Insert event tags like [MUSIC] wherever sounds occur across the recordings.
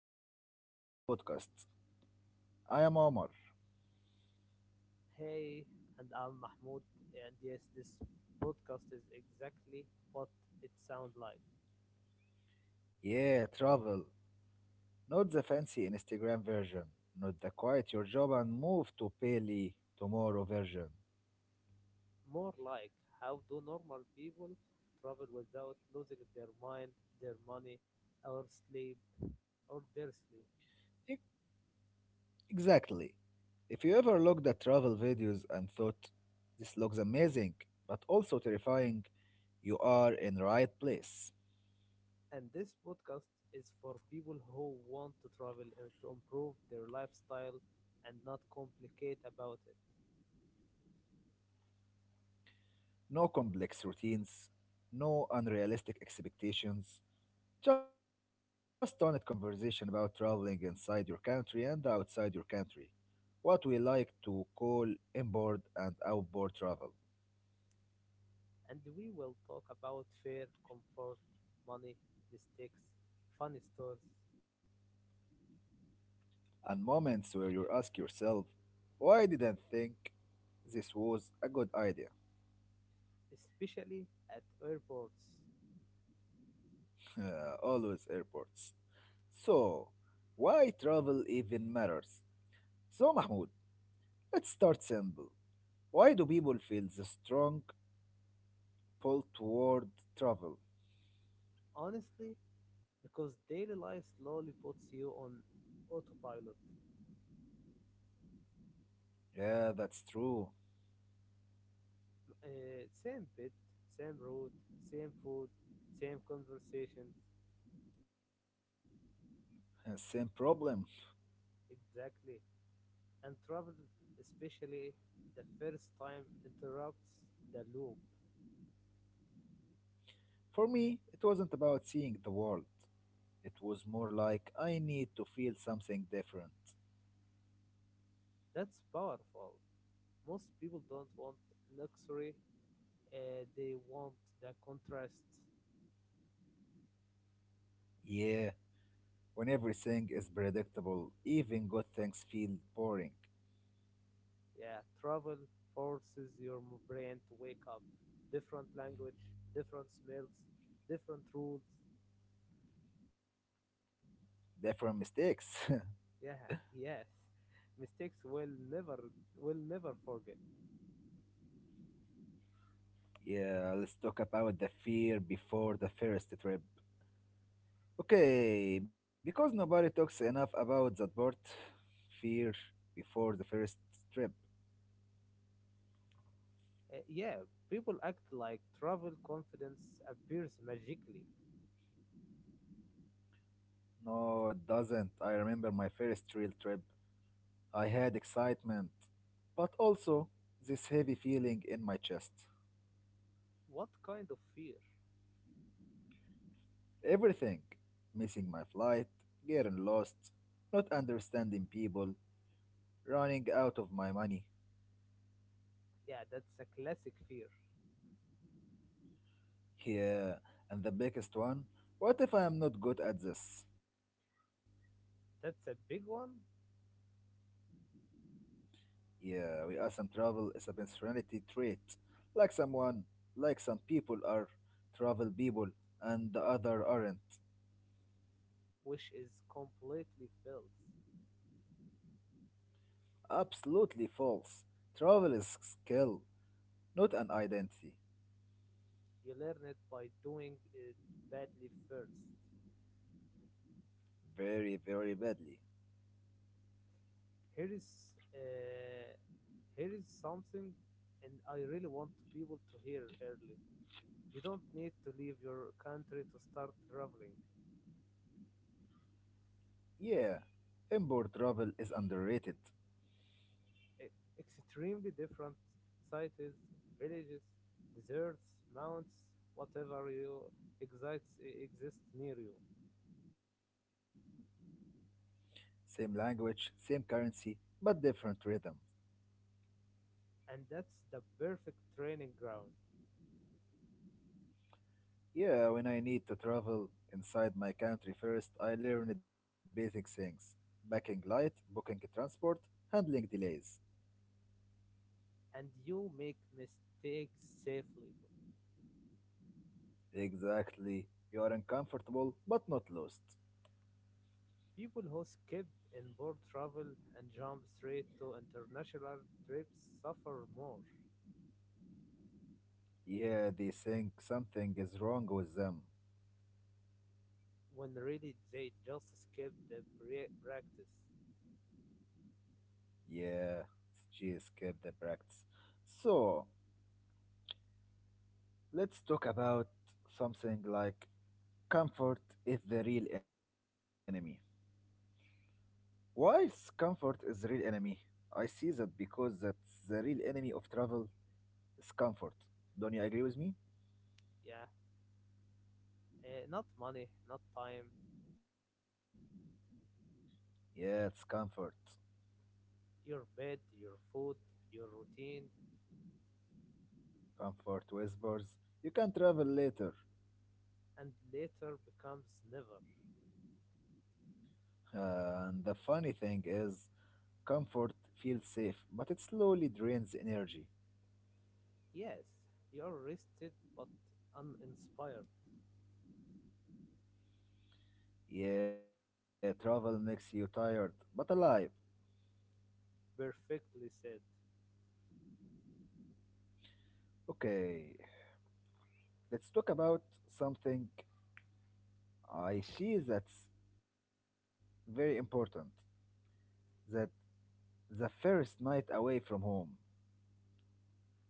welcome to Travel Podcast. I am Omar. Hey, and I'm Mahmoud, and yes, this podcast is exactly what it sounds like. Yeah, travel. Not the fancy Instagram version, not the quiet your job and move to Pele tomorrow version. More like how do normal people travel without losing their mind, their money, or sleep, or their sleep. E- Exactly. If you ever looked at travel videos and thought, this looks amazing, but also terrifying, you are in right place. And this podcast is for people who want to travel and to improve their lifestyle and not complicate about it. No complex routines, no unrealistic expectations, just honest conversation about traveling inside your country and outside your country. What we like to call inboard and outboard travel. And we will talk about fair, comfort, money, mistakes, funny stories And moments where you ask yourself, why didn't think this was a good idea? especially at airports. [LAUGHS] Always airports. So, why travel even matters? So, Mahmoud, let's start simple. Why do people feel the strong pull toward travel? Honestly, because daily life slowly puts you on autopilot. Yeah, that's true. Same bed, same route, same food, same conversations. [LAUGHS] Same problem. Exactly. And travel, especially the first time, interrupts the loop. For me, it wasn't about seeing the world. It was more like I need to feel something different. That's powerful. Most people don't want luxury, they want the contrast. Yeah, when everything is predictable, even good things feel boring. Yeah, travel forces your brain to wake up. Different language, different smells, different rules. Different mistakes. [LAUGHS] Yeah, yes. Mistakes will never forget. Yeah, let's talk about the fear before the first trip. Okay, because nobody talks enough about that part. Fear before the first trip. Yeah, people act like travel confidence appears magically. No, it doesn't. I remember my first real trip. I had excitement, but also this heavy feeling in my chest. What kind of fear? Everything missing my flight, getting lost, not understanding people, running out of my money. Yeah, that's a classic fear. Yeah, and the biggest one what if I am not good at this? That's a big one, Yeah, we are some travel is a personality trait. Like someone, like some people are travel people and the other aren't. which is completely false. Absolutely false. Travel is skill, not an identity. You learn it by doing it badly first. Very, very badly. Here is uh, here is something, and I really want to people to hear early. You don't need to leave your country to start traveling. Yeah, import travel is underrated. Extremely different cities, villages, deserts, mountains, whatever you excites exists near you, Same language, same currency, but different rhythm. and that's the perfect training ground. Yeah, when I need to travel inside my country first, I learned basic things backing light, booking transport, handling delays. And you make mistakes safely. Exactly. You are uncomfortable, but not lost. People who skip inboard travel and jump straight to international trips suffer more, Yeah, they think something is wrong with them. when really they just skip the practice. Yeah, she escaped the practice. So, let's talk about something like comfort is the real enemy. Whilst comfort is the real enemy, I see that because that's the real enemy of travel is comfort. Don't you agree with me? Yeah, not money, not time, Yeah, it's comfort. your bed, your food, your routine, Comfort whispers, you can travel later. and later becomes never. And the funny thing is, comfort feels safe, but it slowly drains energy. Yes, you're rested but uninspired. Yeah, travel makes you tired, but alive. Perfectly said. Okay, let's talk about something I see that's very important the the first night away from home,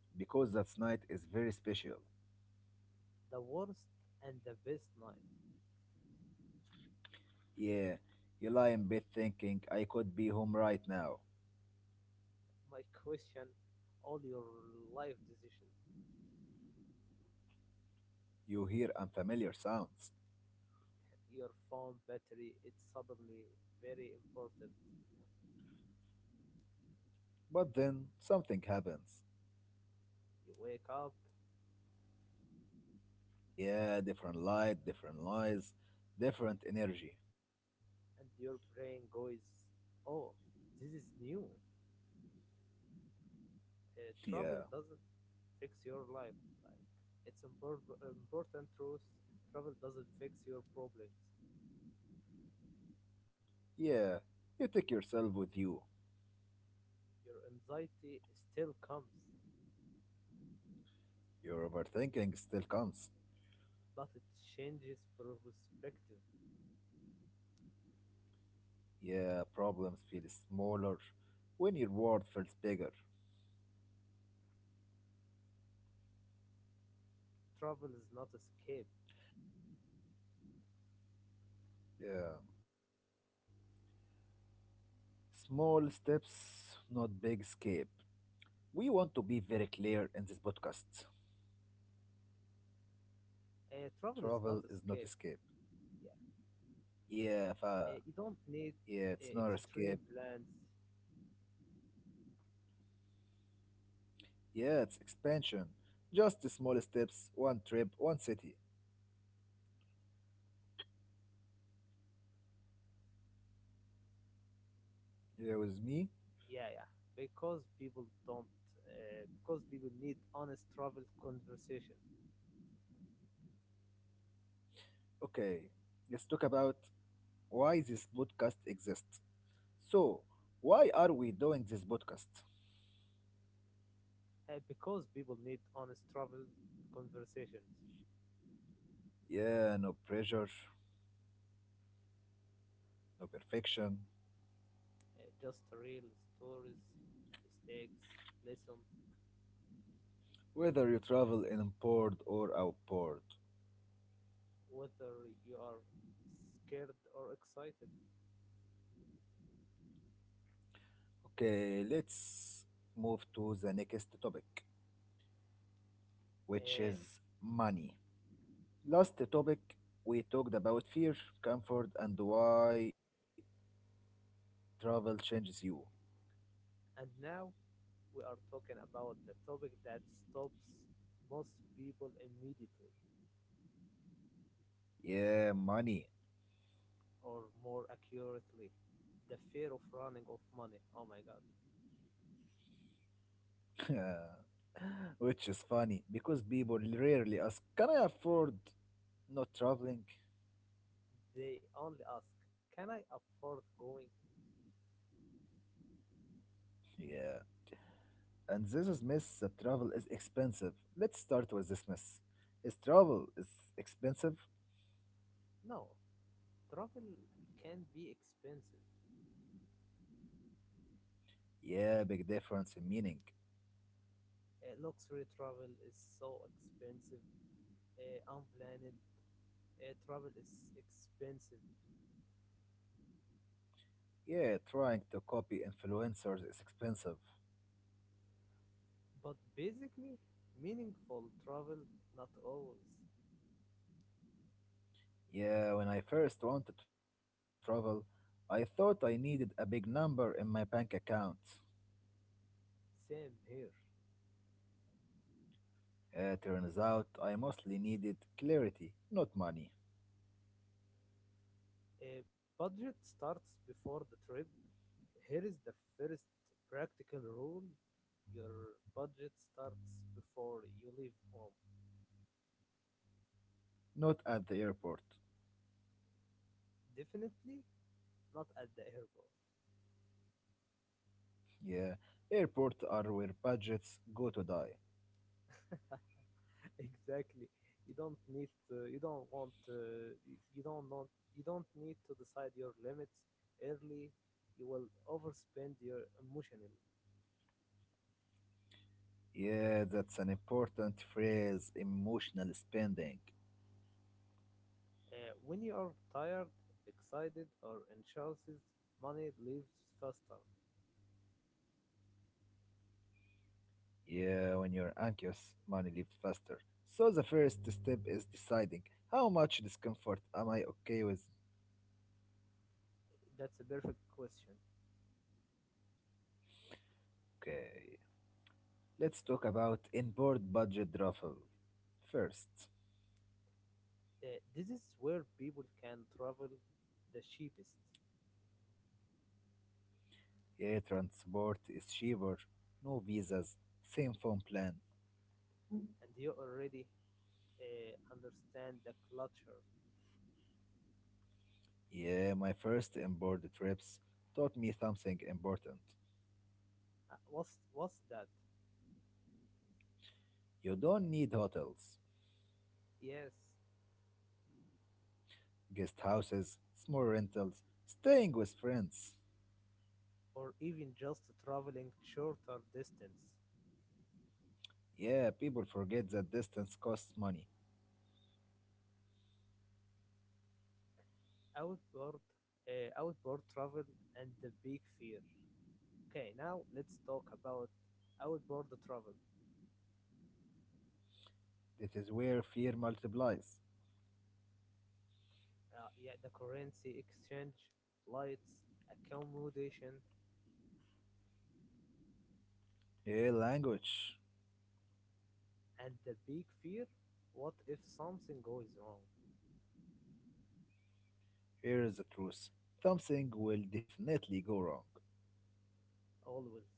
because that night is very special. The worst and the best night. Yeah, you lie in bed thinking, I could be home right now. My [LAUGHS] question all your life decisions. You hear unfamiliar sounds. Your phone battery its suddenly very important. But then something happens. You wake up Yeah, different light, different noise, different energy. [LAUGHS] and your brain goes, "Oh, this is new." Travel Yeah, doesn't fix your life. Like it's important truth. Travel doesn't fix your problems. yeah, you take yourself with you. Your anxiety still comes, Your overthinking still comes. but it changes perspective. Yeah, problems feel smaller when your world feels bigger. Travel is not escape. Yeah. Small steps, not big escape. We want to be very clear in this podcast. Travel is not Travel escape. is not escape. Yeah, Yeah, fa. you don't need Yeah, it's not escape. extreme plans Yeah, it's expansion. Just the small steps, one trip, one city. Here with me. yeah yeah because people don't because people need honest travel conversation Okay, let's talk about why this podcast exists. So, why are we doing this podcast? Because people need honest travel conversations Yeah, no pressure, no perfection. Just real stories mistakes lessons Whether you travel inboard or outboard. whether you are scared or excited Okay, let's move to the next topic, which uh, is money. Last topic we talked about fear, comfort, and why travel changes you. and now we are talking about the topic that stops most people immediately Yeah, money. or more accurately the fear of running of money oh my god. [LAUGHS] Which is funny because people rarely ask, can I afford not traveling? They only ask, "Can I afford going?" Yeah. And this is myth that travel is expensive. Let's start with this myth. Is travel is expensive? No, travel can be expensive. Yeah, big difference in meaning. Luxury travel is so expensive. Unplanned travel is expensive. Yeah, trying to copy influencers is expensive. But basically, meaningful travel not always. Yeah, when I first wanted to travel, I thought I needed a big number in my bank account. Same here. Turns out I mostly needed clarity, not money. A budget starts before the trip. Here is the first practical rule your budget starts before you leave home. Not at the airport. Definitely not at the airport. Yeah, airports are where budgets go to die. [LAUGHS] Exactly you don't need you don't want you don't want you don't need to decide your limits early you will overspend your emotionally Yeah, that's an important phrase emotional spending. When you are tired excited or anxious money leaves faster Yeah, when you're anxious, money leaves faster. So the first step is deciding how much discomfort am I okay with? that's a perfect question Okay, let's talk about inboard budget travel first. This is where people can travel the cheapest Yeah, transport is cheaper, no visas, same phone plan. and you already understand the culture Yeah, my first inboard trips taught me something important. What's that You don't need hotels, yes guest houses, small rentals, staying with friends. or even just traveling shorter distance. Yeah, people forget that distance costs money. Outboard, outboard travel and the big fear. Okay, now let's talk about outboard travel. That is where fear multiplies. Yeah, the currency exchange, flights, accommodation, Yeah, language. and the big fear. What if something goes wrong? Here is the truth. Something will definitely go wrong. Always,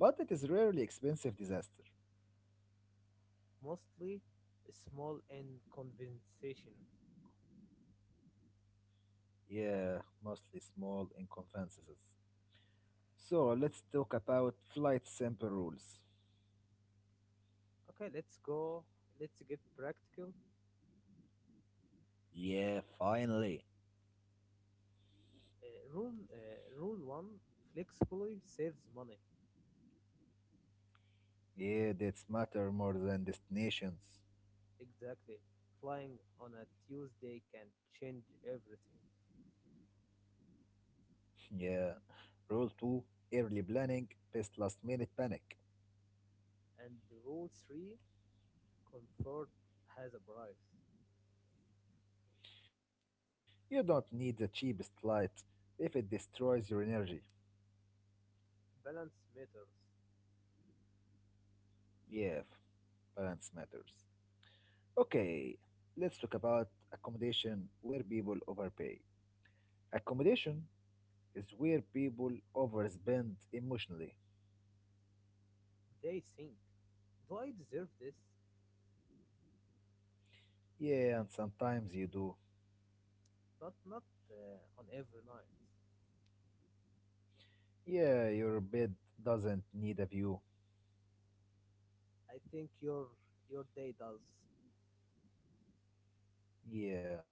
But it is rarely expensive disaster. mostly small and conversation. Yeah, mostly small inconveniences. So let's talk about flight sample rules. Okay, let's go. Let's get practical. Yeah, finally. Rule one: flexibly saves money. Yeah, that's matter more than destinations. Exactly. Flying on a Tuesday can change everything. [LAUGHS] Yeah. Rule 2, early planning, best last minute panic. And rule three comfort has a price. You don't need the cheapest flight if it destroys your energy. Balance matters. Yeah, balance matters. Okay, let's talk about accommodation where people overpay. Accommodation is where people overspend emotionally. They think, do I deserve this? Yeah, and sometimes you do. But not on every night. Yeah, your bed doesn't need a view. I think your day does Yeah.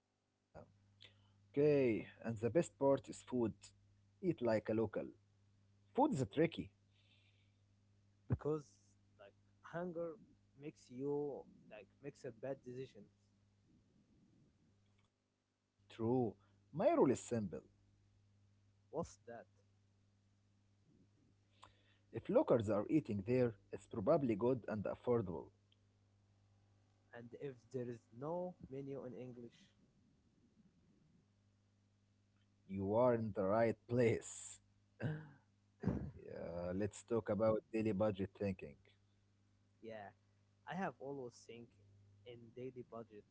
Okay, and the best part is food. Eat like a local. Food is tricky. because like hunger makes you like makes a bad decisions. True. My rule is simple. What's that? If locals are eating there, it's probably good and affordable. And if there is no menu in English, You are in the right place. [LAUGHS] [LAUGHS] Yeah, let's talk about daily budget thinking. yeah, I have always think in daily budget.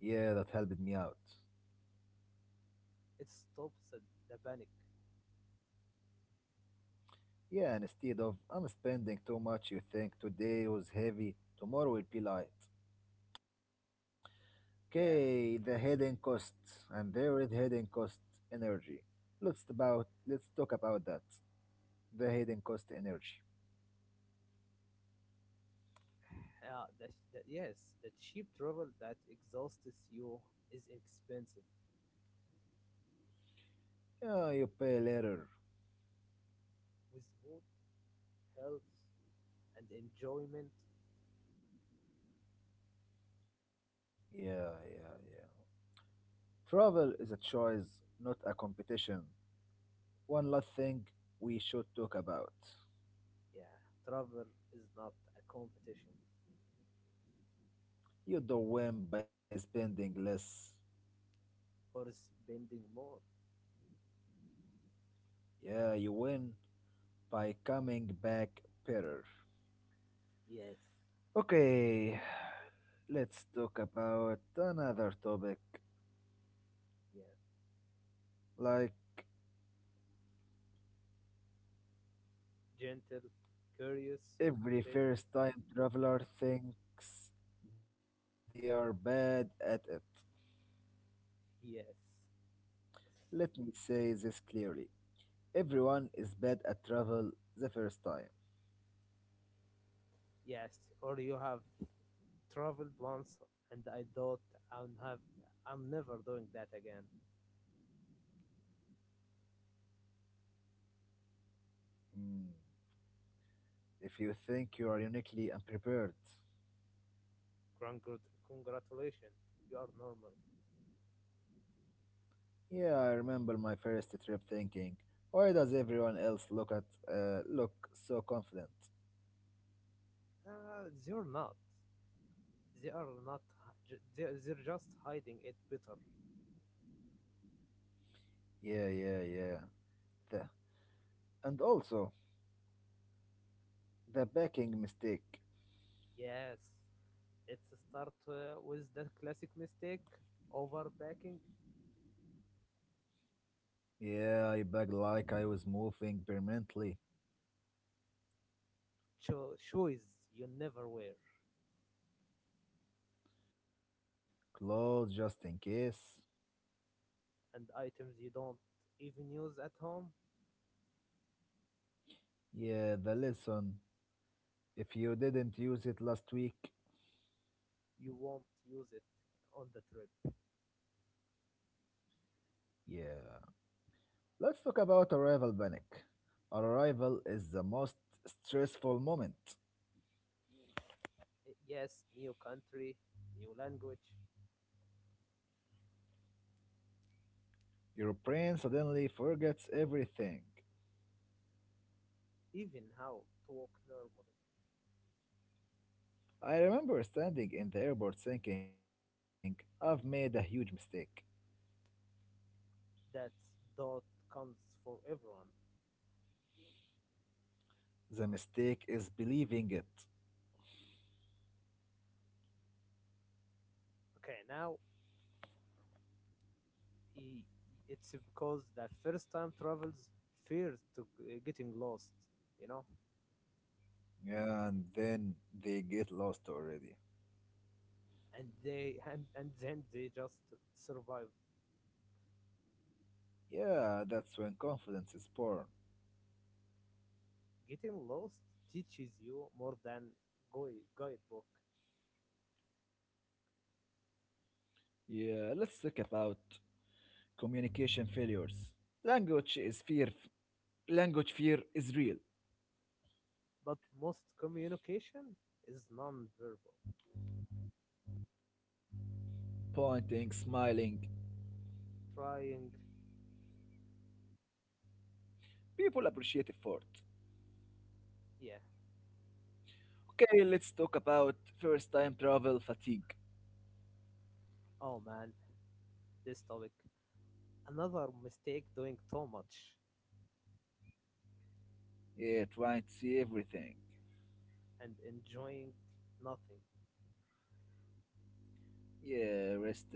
Yeah, that helped me out. It stops the panic. Yeah, and instead of I'm spending too much, you think today was heavy, tomorrow will be light. Okay, Yeah, the hidden costs and there is hidden cost energy. Let's talk about that. The hidden cost energy. uh, the, the, yes, the cheap travel that exhausts you is expensive. Yeah, you pay later. With food, health, and enjoyment, Yeah. Travel is a choice, not a competition. One last thing we should talk about. yeah, travel is not a competition You don't win by spending less. for spending more. Yeah, you win by coming back better. Yes, Okay, [SIGHS] let's talk about another topic. yeah, Like gentle, curious, every fit. first time traveler thinks they are bad at it. Yes, Let me say this clearly. Everyone is bad at travel the first time. yes, or you have traveled once and I thought I'm have I'm never doing that again. Mm, if you think you are uniquely unprepared. Congratulations, you are normal. Yeah, I remember my first trip thinking, why does everyone else look at look so confident? Uh, they're not. They are not. They're just hiding it better. Yeah. The, and also the packing mistake. Yes, let's start with the classic mistake: overpacking Yeah, I begged like I was moving permanently. Shoes you never wear Clothes just in case. and items you don't even use at home. Yeah, the lesson. If you didn't use it last week, You won't use it on the trip. yeah. Let's talk about arrival panic. Arrival is the most stressful moment. Yes, new country, new language, Your brain suddenly forgets everything. even how to walk normally. I remember standing in the airport thinking, I've made a huge mistake. That dot comes for everyone. The mistake is believing it. Okay, now i- it's because that first time travels fears to getting lost, you know, And then they get lost already. and and then they just survive. Yeah, that's when confidence is born. Getting lost teaches you more than guidebook, Yeah, let's talk about communication failures. Language is fear. Language fear is real. but most communication is non-verbal. Pointing, smiling. Trying, People appreciate effort. yeah. Okay, let's talk about first time travel fatigue. Oh man, this topic. Another mistake doing too much. Yeah, trying to see everything. And enjoying nothing. Yeah, rest,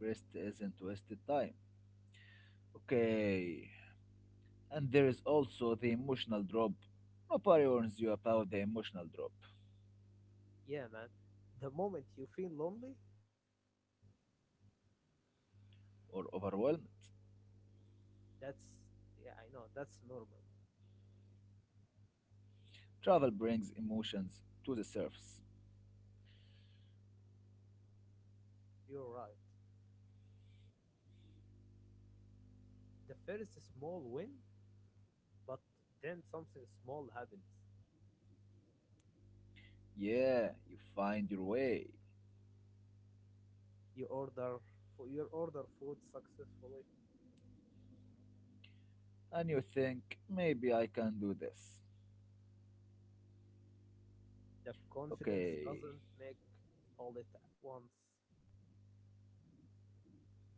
rest isn't wasted time. Okay, and there is also the emotional drop. Nobody warns you about the emotional drop Yeah, man. The moment you feel lonely, or overwhelmed. that's yeah, I know that's normal. Travel brings emotions to the surface. You're right. The first small win, but then something small happens. Yeah, you find your way. You order for you order food successfully. And you think, maybe I can do this. The confidence Okay, doesn't make all it at once.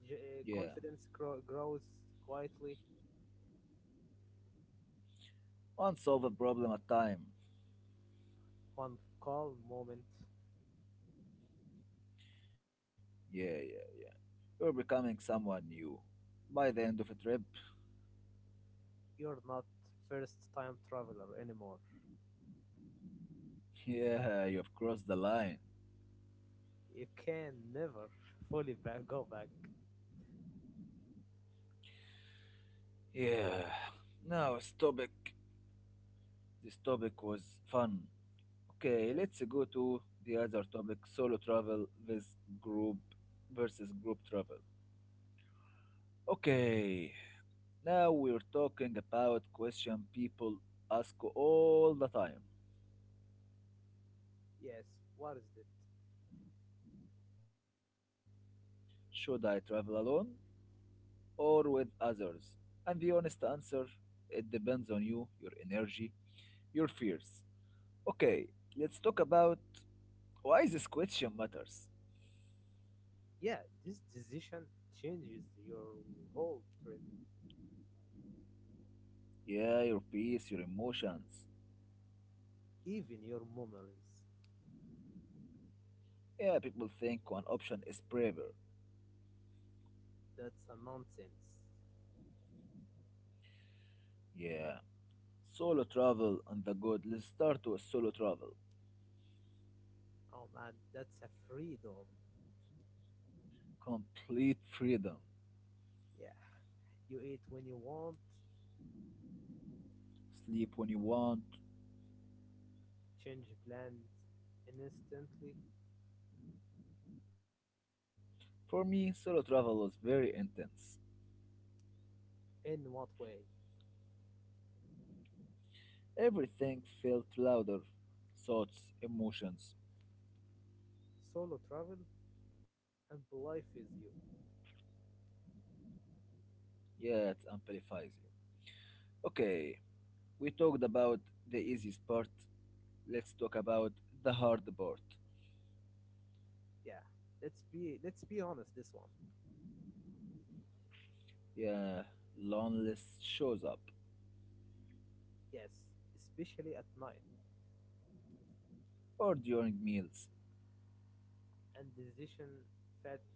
Yeah. Grows quietly. Unsolve a problem at time. One calm moment. Yeah, yeah. You're becoming someone new. By the end of a trip, You're not first time traveler anymore. yeah, you have crossed the line. You can never fully [LAUGHS] go back. Yeah. Now, this topic. This topic was fun. Okay, Yes, let's go to the other topic solo travel with group versus group travel. Okay, now we're talking about question people ask all the time. yes. What is it? Should I travel alone or with others? And the honest answer, it depends on you, your energy, your fears. Okay, let's talk about why this question matters. Yeah, this decision changes your whole trip, Yeah, your peace, your emotions. even your memories. Yeah, people think one option is braver. That's a nonsense. Yeah. Solo travel on the good. Let's start with solo travel. Oh man, that's a freedom. Complete freedom. Yeah, you eat when you want, Sleep when you want, change plans instantly. for me, solo travel was very intense. In what way? Everything felt louder. Thoughts, emotions. Solo travel and life is you. Yet amplifies you. Okay, we talked about the easiest part. Let's talk about the hard part. Yeah, let's be honest. This one, Yeah, loneliness shows up. yes, especially at night. Or during meals. And fat-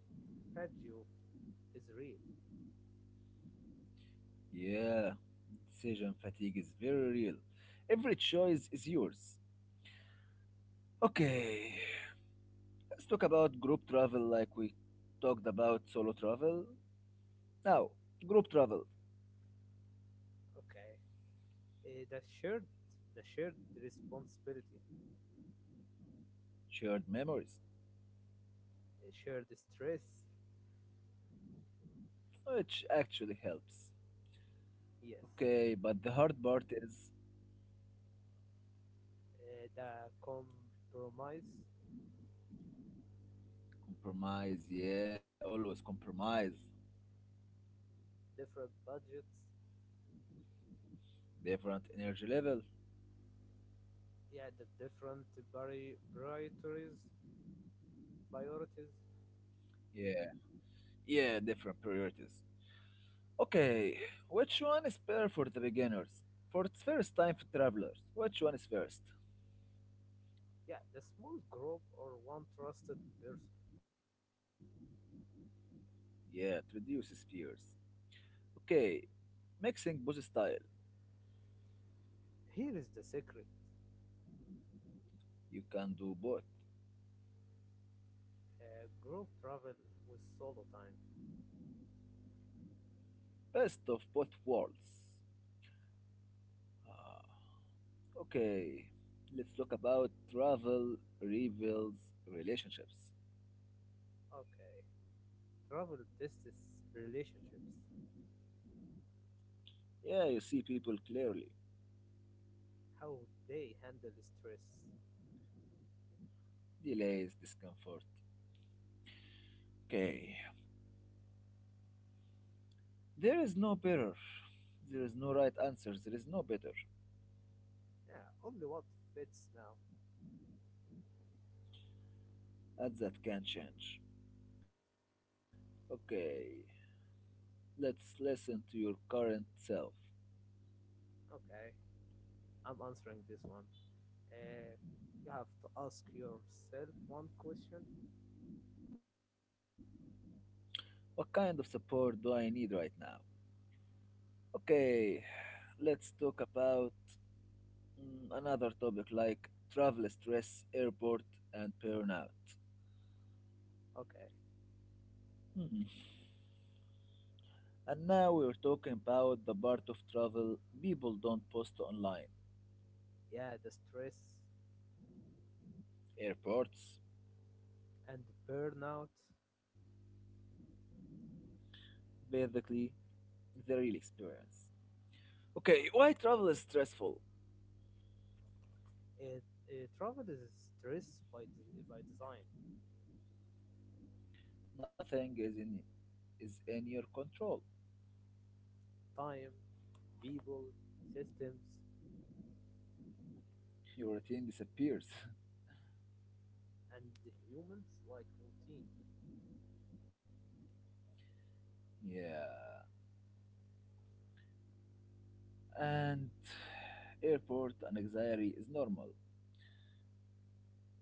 fatigue is real. Yeah, decision fatigue is very real. Every choice is yours. Okay, let's talk about group travel like we talked about solo travel. Now, group travel. Okay, Eh, the shared the shared responsibility, Shared memories, shared stress. which actually helps. Yes, Okay, but the hard part is the compromise, compromise. Yeah, always compromise. different budgets. Different energy level. Yeah, the priorities, priorities. Yeah, yeah, different priorities. Okay, which one is better for the beginners? For its first time for travelers, which one is first? Yeah, the small group or one trusted person. Yeah, it reduces fears. Okay, mixing both style. Here is the secret: You can do both. Group travel with solo time. Best of both worlds. Ah, okay, let's talk about travel reveals relationships. Okay, travel tests relationships. Yeah, you see people clearly. How they handle stress. Delays, discomfort. Okay, there is no better. There is no right answer. There is no better. Yeah, only what fits now. And that can change. Okay, let's listen to your current self. Okay, I'm answering this one. Uh, you have to ask yourself one question. What kind of support do I need right now? Okay, let's talk about mm, another topic like travel stress, airport, and burnout. Okay, Hmm. And now we're talking about the part of travel people don't post online yeah, the stress airports, and burnout. basically, the real experience. Okay, why travel is stressful? It travel is stress by by design. Nothing is in, Is in your control. Time, people, systems, Your routine disappears. and the humans like routine. [LAUGHS] Yeah. And airport anxiety is normal.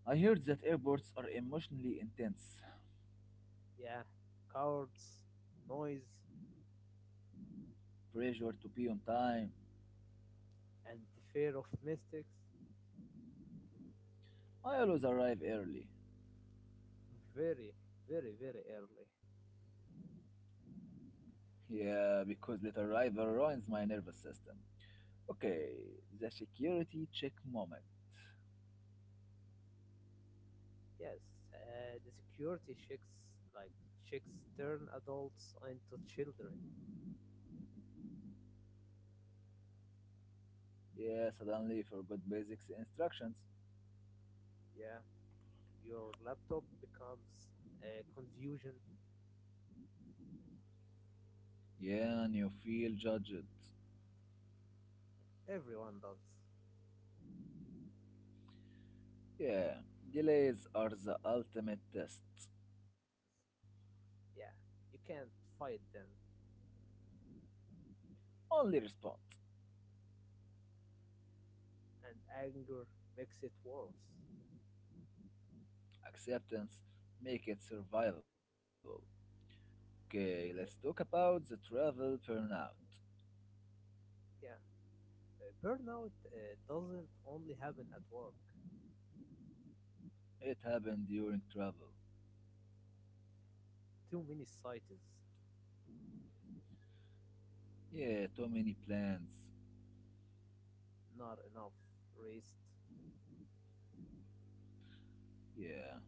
I heard that airports are emotionally intense. Yeah, cowards, noise, Pressure to be on time. and the fear of mistakes I always arrive early. very, very, very early. Yeah, because late arrival ruins my nervous system. Okay, the security check moment. Yes, the security checks like checks turn adults into children. Yeah, suddenly forgot basics instructions. Yeah, your laptop becomes a confusion. Yeah, and you feel judged. Everyone does. Yeah, delays are the ultimate test. Yeah, you can't fight them, Only response, and anger makes it worse. acceptance, make it survivable. Okay, let's talk Yeah, about the travel burnout. yeah. Burnout doesn't only happen at work. It happened during travel. Too many sites, Yeah, too many plans. not enough rest. Yeah.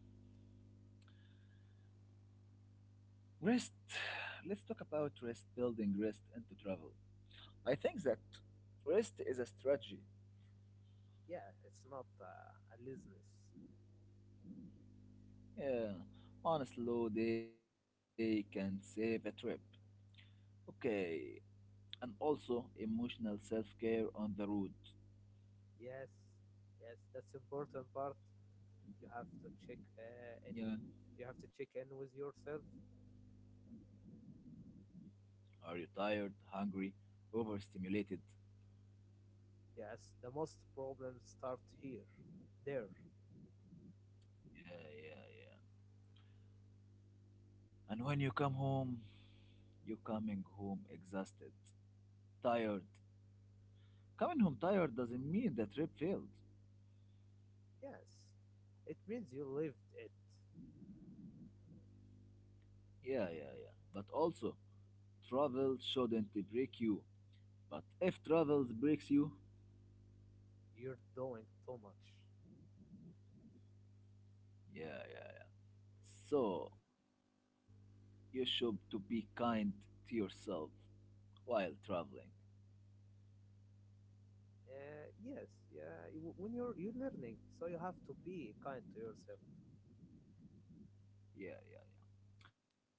Rest. Let's talk about rest, building rest into travel. I think that rest is a strategy. Yeah, it's not a business. Yeah, on a slow day can save a trip. Okay, and also emotional self care on the road. Yes, yes, that's important part. You have to check in Yeah, you have to check in with yourself are you tired, hungry, overstimulated? yes the most problems start here there Yeah, yeah, yeah. And when you come home, you coming home exhausted, tired. Coming home tired doesn't mean the trip failed. yes it means you lived it Yeah, yeah, yeah. But also, travel shouldn't break you. But if travel breaks you, you're doing too much yeah, yeah. So you should to be kind to yourself while traveling. Yes yeah when you're learning so you have to be kind to yourself Yeah, yeah.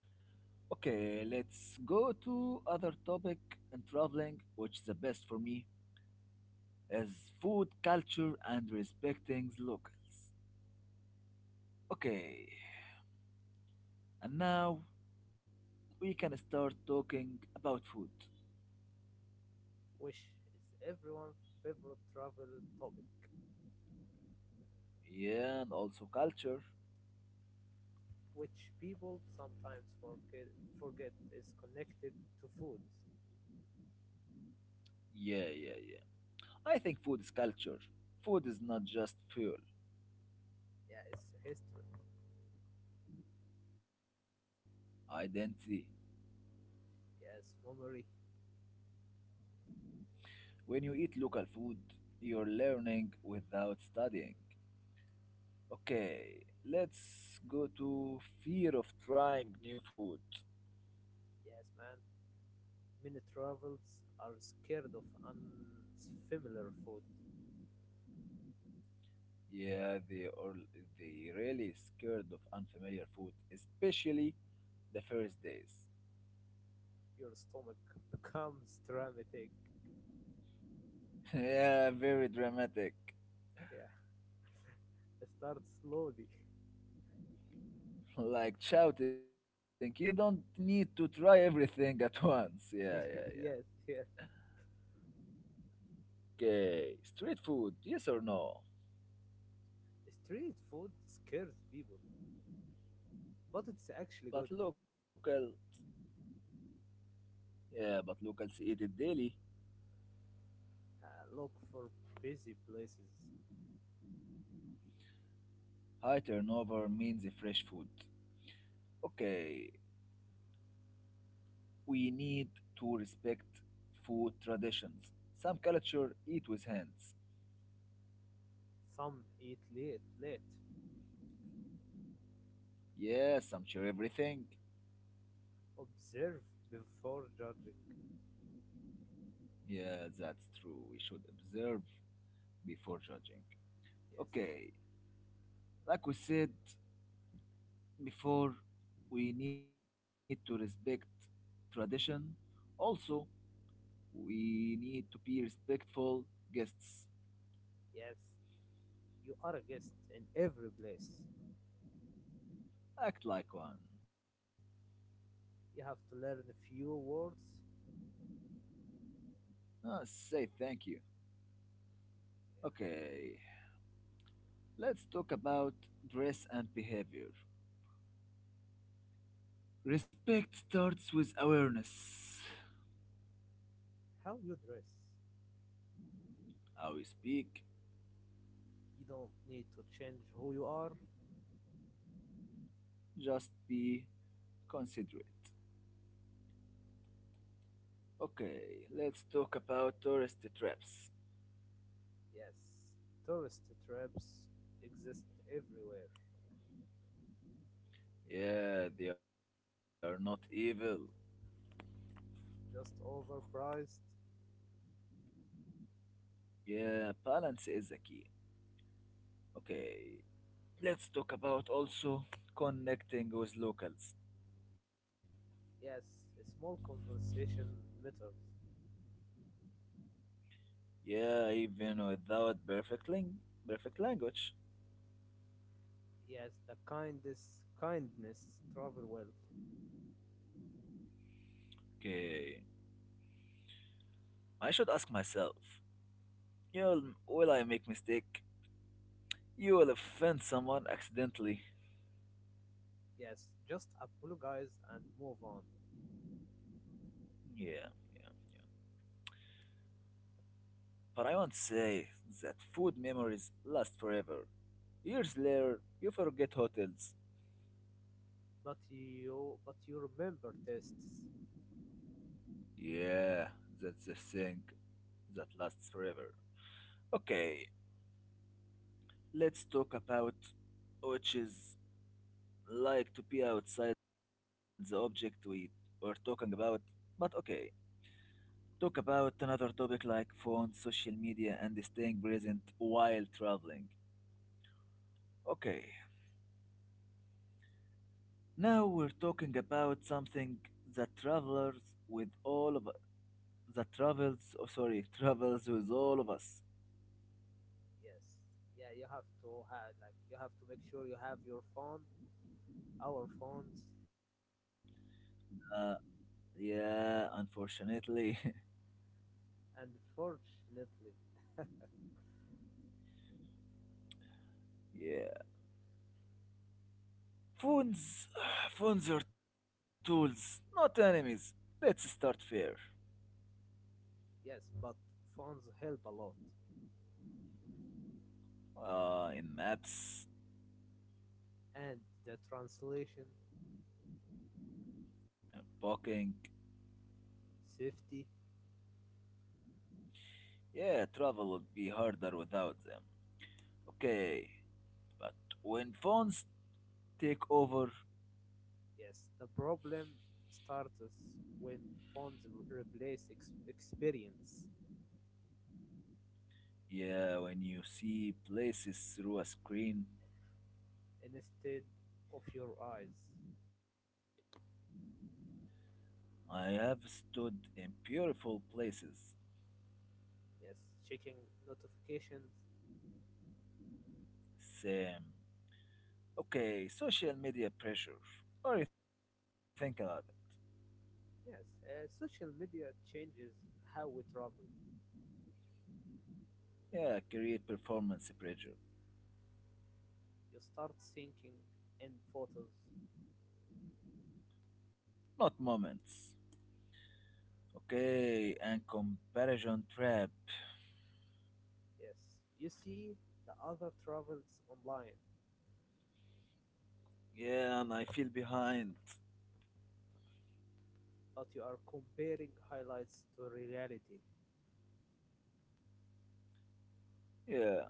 Okay, let's go to other topic in traveling, which is the best for me, is food culture and respecting locals. Okay, and now we can start talking about food. which is everyone's favorite travel topic Yeah, and also culture. which people sometimes forget is connected to food Yeah, yeah, yeah. I think food is culture. Food is not just fuel, yeah it's history identity. yes memory When you eat local food, you're learning without studying. Okay, let's go to fear of trying new food. yes man. Many travelers are scared of unfamiliar food. Yeah, they are they really scared of unfamiliar food, especially the first days. Your stomach [LAUGHS] becomes dramatic. [LAUGHS] yeah, very dramatic. [LAUGHS] Yeah. [LAUGHS] Start slowly. Like shouting, you don't need to try everything at once. Yeah, [LAUGHS] yeah, yes, yeah. yes. Okay, street food, yes or no? Street food scares people, but it's actually good. But local, yeah, but locals eat it daily. Look for busy places. High turnover means fresh food. Okay, we need to respect food traditions. Some culture eat with hands. Late. Yeah, some share everything. Observe before judging. Yeah, that's true. We should observe before judging. Yes, Okay, like we said before, we need to respect tradition. Also, we need to be respectful guests. yes. You are a guest in every place. Act like one. You have to learn a few words. Ah, say thank you. Yeah. Okay, let's talk about dress and behavior. Respect starts with awareness. How you dress. How we speak, You don't need to change who you are. just be considerate. Okay, let's talk about tourist traps. Yes, tourist traps exist everywhere, Yeah, they are not evil. just overpriced. Yeah, balance is the key. Okay, let's talk about also connecting with locals. Yes, a small conversation matters. Yeah, even without perfect, perfect language. Yes, the kindest kindness travel well. Okay, I should ask myself, yeah, will I make mistake? You will offend someone accidentally. Yes, just apologize and move on. Yeah, yeah. But I won't say that food memories last forever. Years later, you forget hotels. But you remember tests. Yeah, that's the thing that lasts forever. Okay, let's talk about which is like to be outside the object we were talking about. But okay, talk about another topic like phone, social media, and staying present while traveling. Okay, now we're talking about something that travels with all of that travels oh, sorry, [LAUGHS] travels with all of us. Yes. Yeah, you have to have you have to make sure you have your phone, our phones, Uh, yeah, unfortunately. and fortunately [LAUGHS] yeah. Phones, [SIGHS] phones are tools, not enemies. Let's start fair. yes, but phones help a lot. In maps, And the translation, in booking. safety. Yeah, travel would be harder without them. Okay, but when phones take over, Yes, the problem starts when phones replace experience yeah, when you see places through a screen, instead of your eyes. I have stood in beautiful places. Yes, checking notifications. Same. Okay, social media pressure. What do you think about Yes, social media changes how we travel. it? Yeah, career performance pressure. You start thinking in photos. Not moments. Okay, and comparison trap. Yes, you see the other travels online, Yeah, and I feel behind. but you are comparing highlights to reality. Yeah,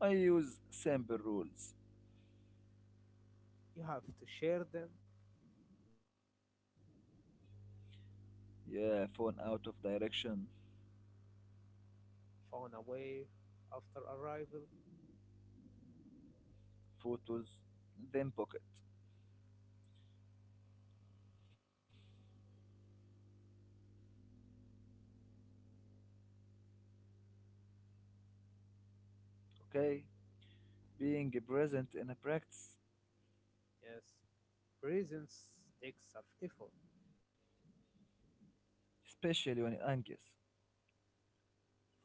I use simple rules. You have to share them, Yeah, phone out of direction, phone away after arrival. photos, then pocket. Okay, being present in a practice, Yes, presence takes some effort. especially when anxious.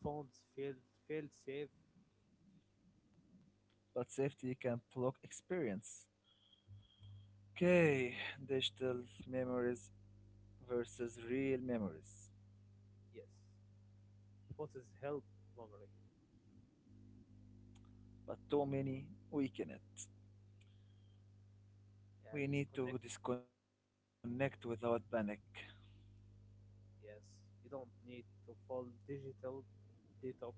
Phones fail safe. But safety can block experience. Okay, digital memories versus real memories, Yes, photos help memory. but too many weaken it. Yeah, We need disconnect. to disconnect without panic. Yes, you don't need to full digital detox.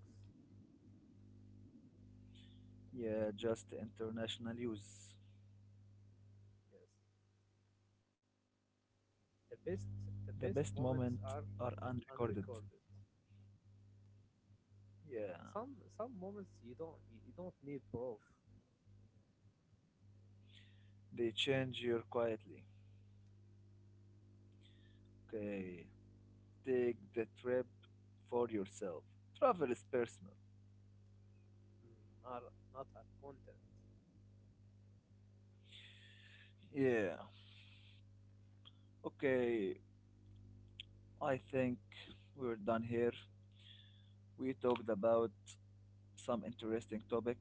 Yeah, just international use. Yes, the The best best the best moments are moments are unrecorded. unrecorded. Yeah, Some moments you don't you don't need proof. they change you quietly. Okay, take the trip for yourself. Travel is personal. Mm, not a content. Yeah, okay, I think we're done here. We talked about some interesting topic.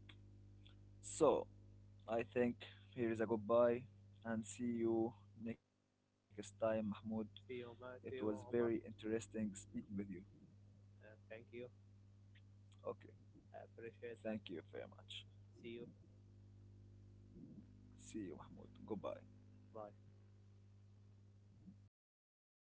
So I think here is a goodbye and see you next time, Mahmoud. It See was you, Omar. very See you, Omar. interesting speaking with you. Thank you. Okay, I appreciate thank that. you very much. See you. See you, Mahmoud. Goodbye. Bye.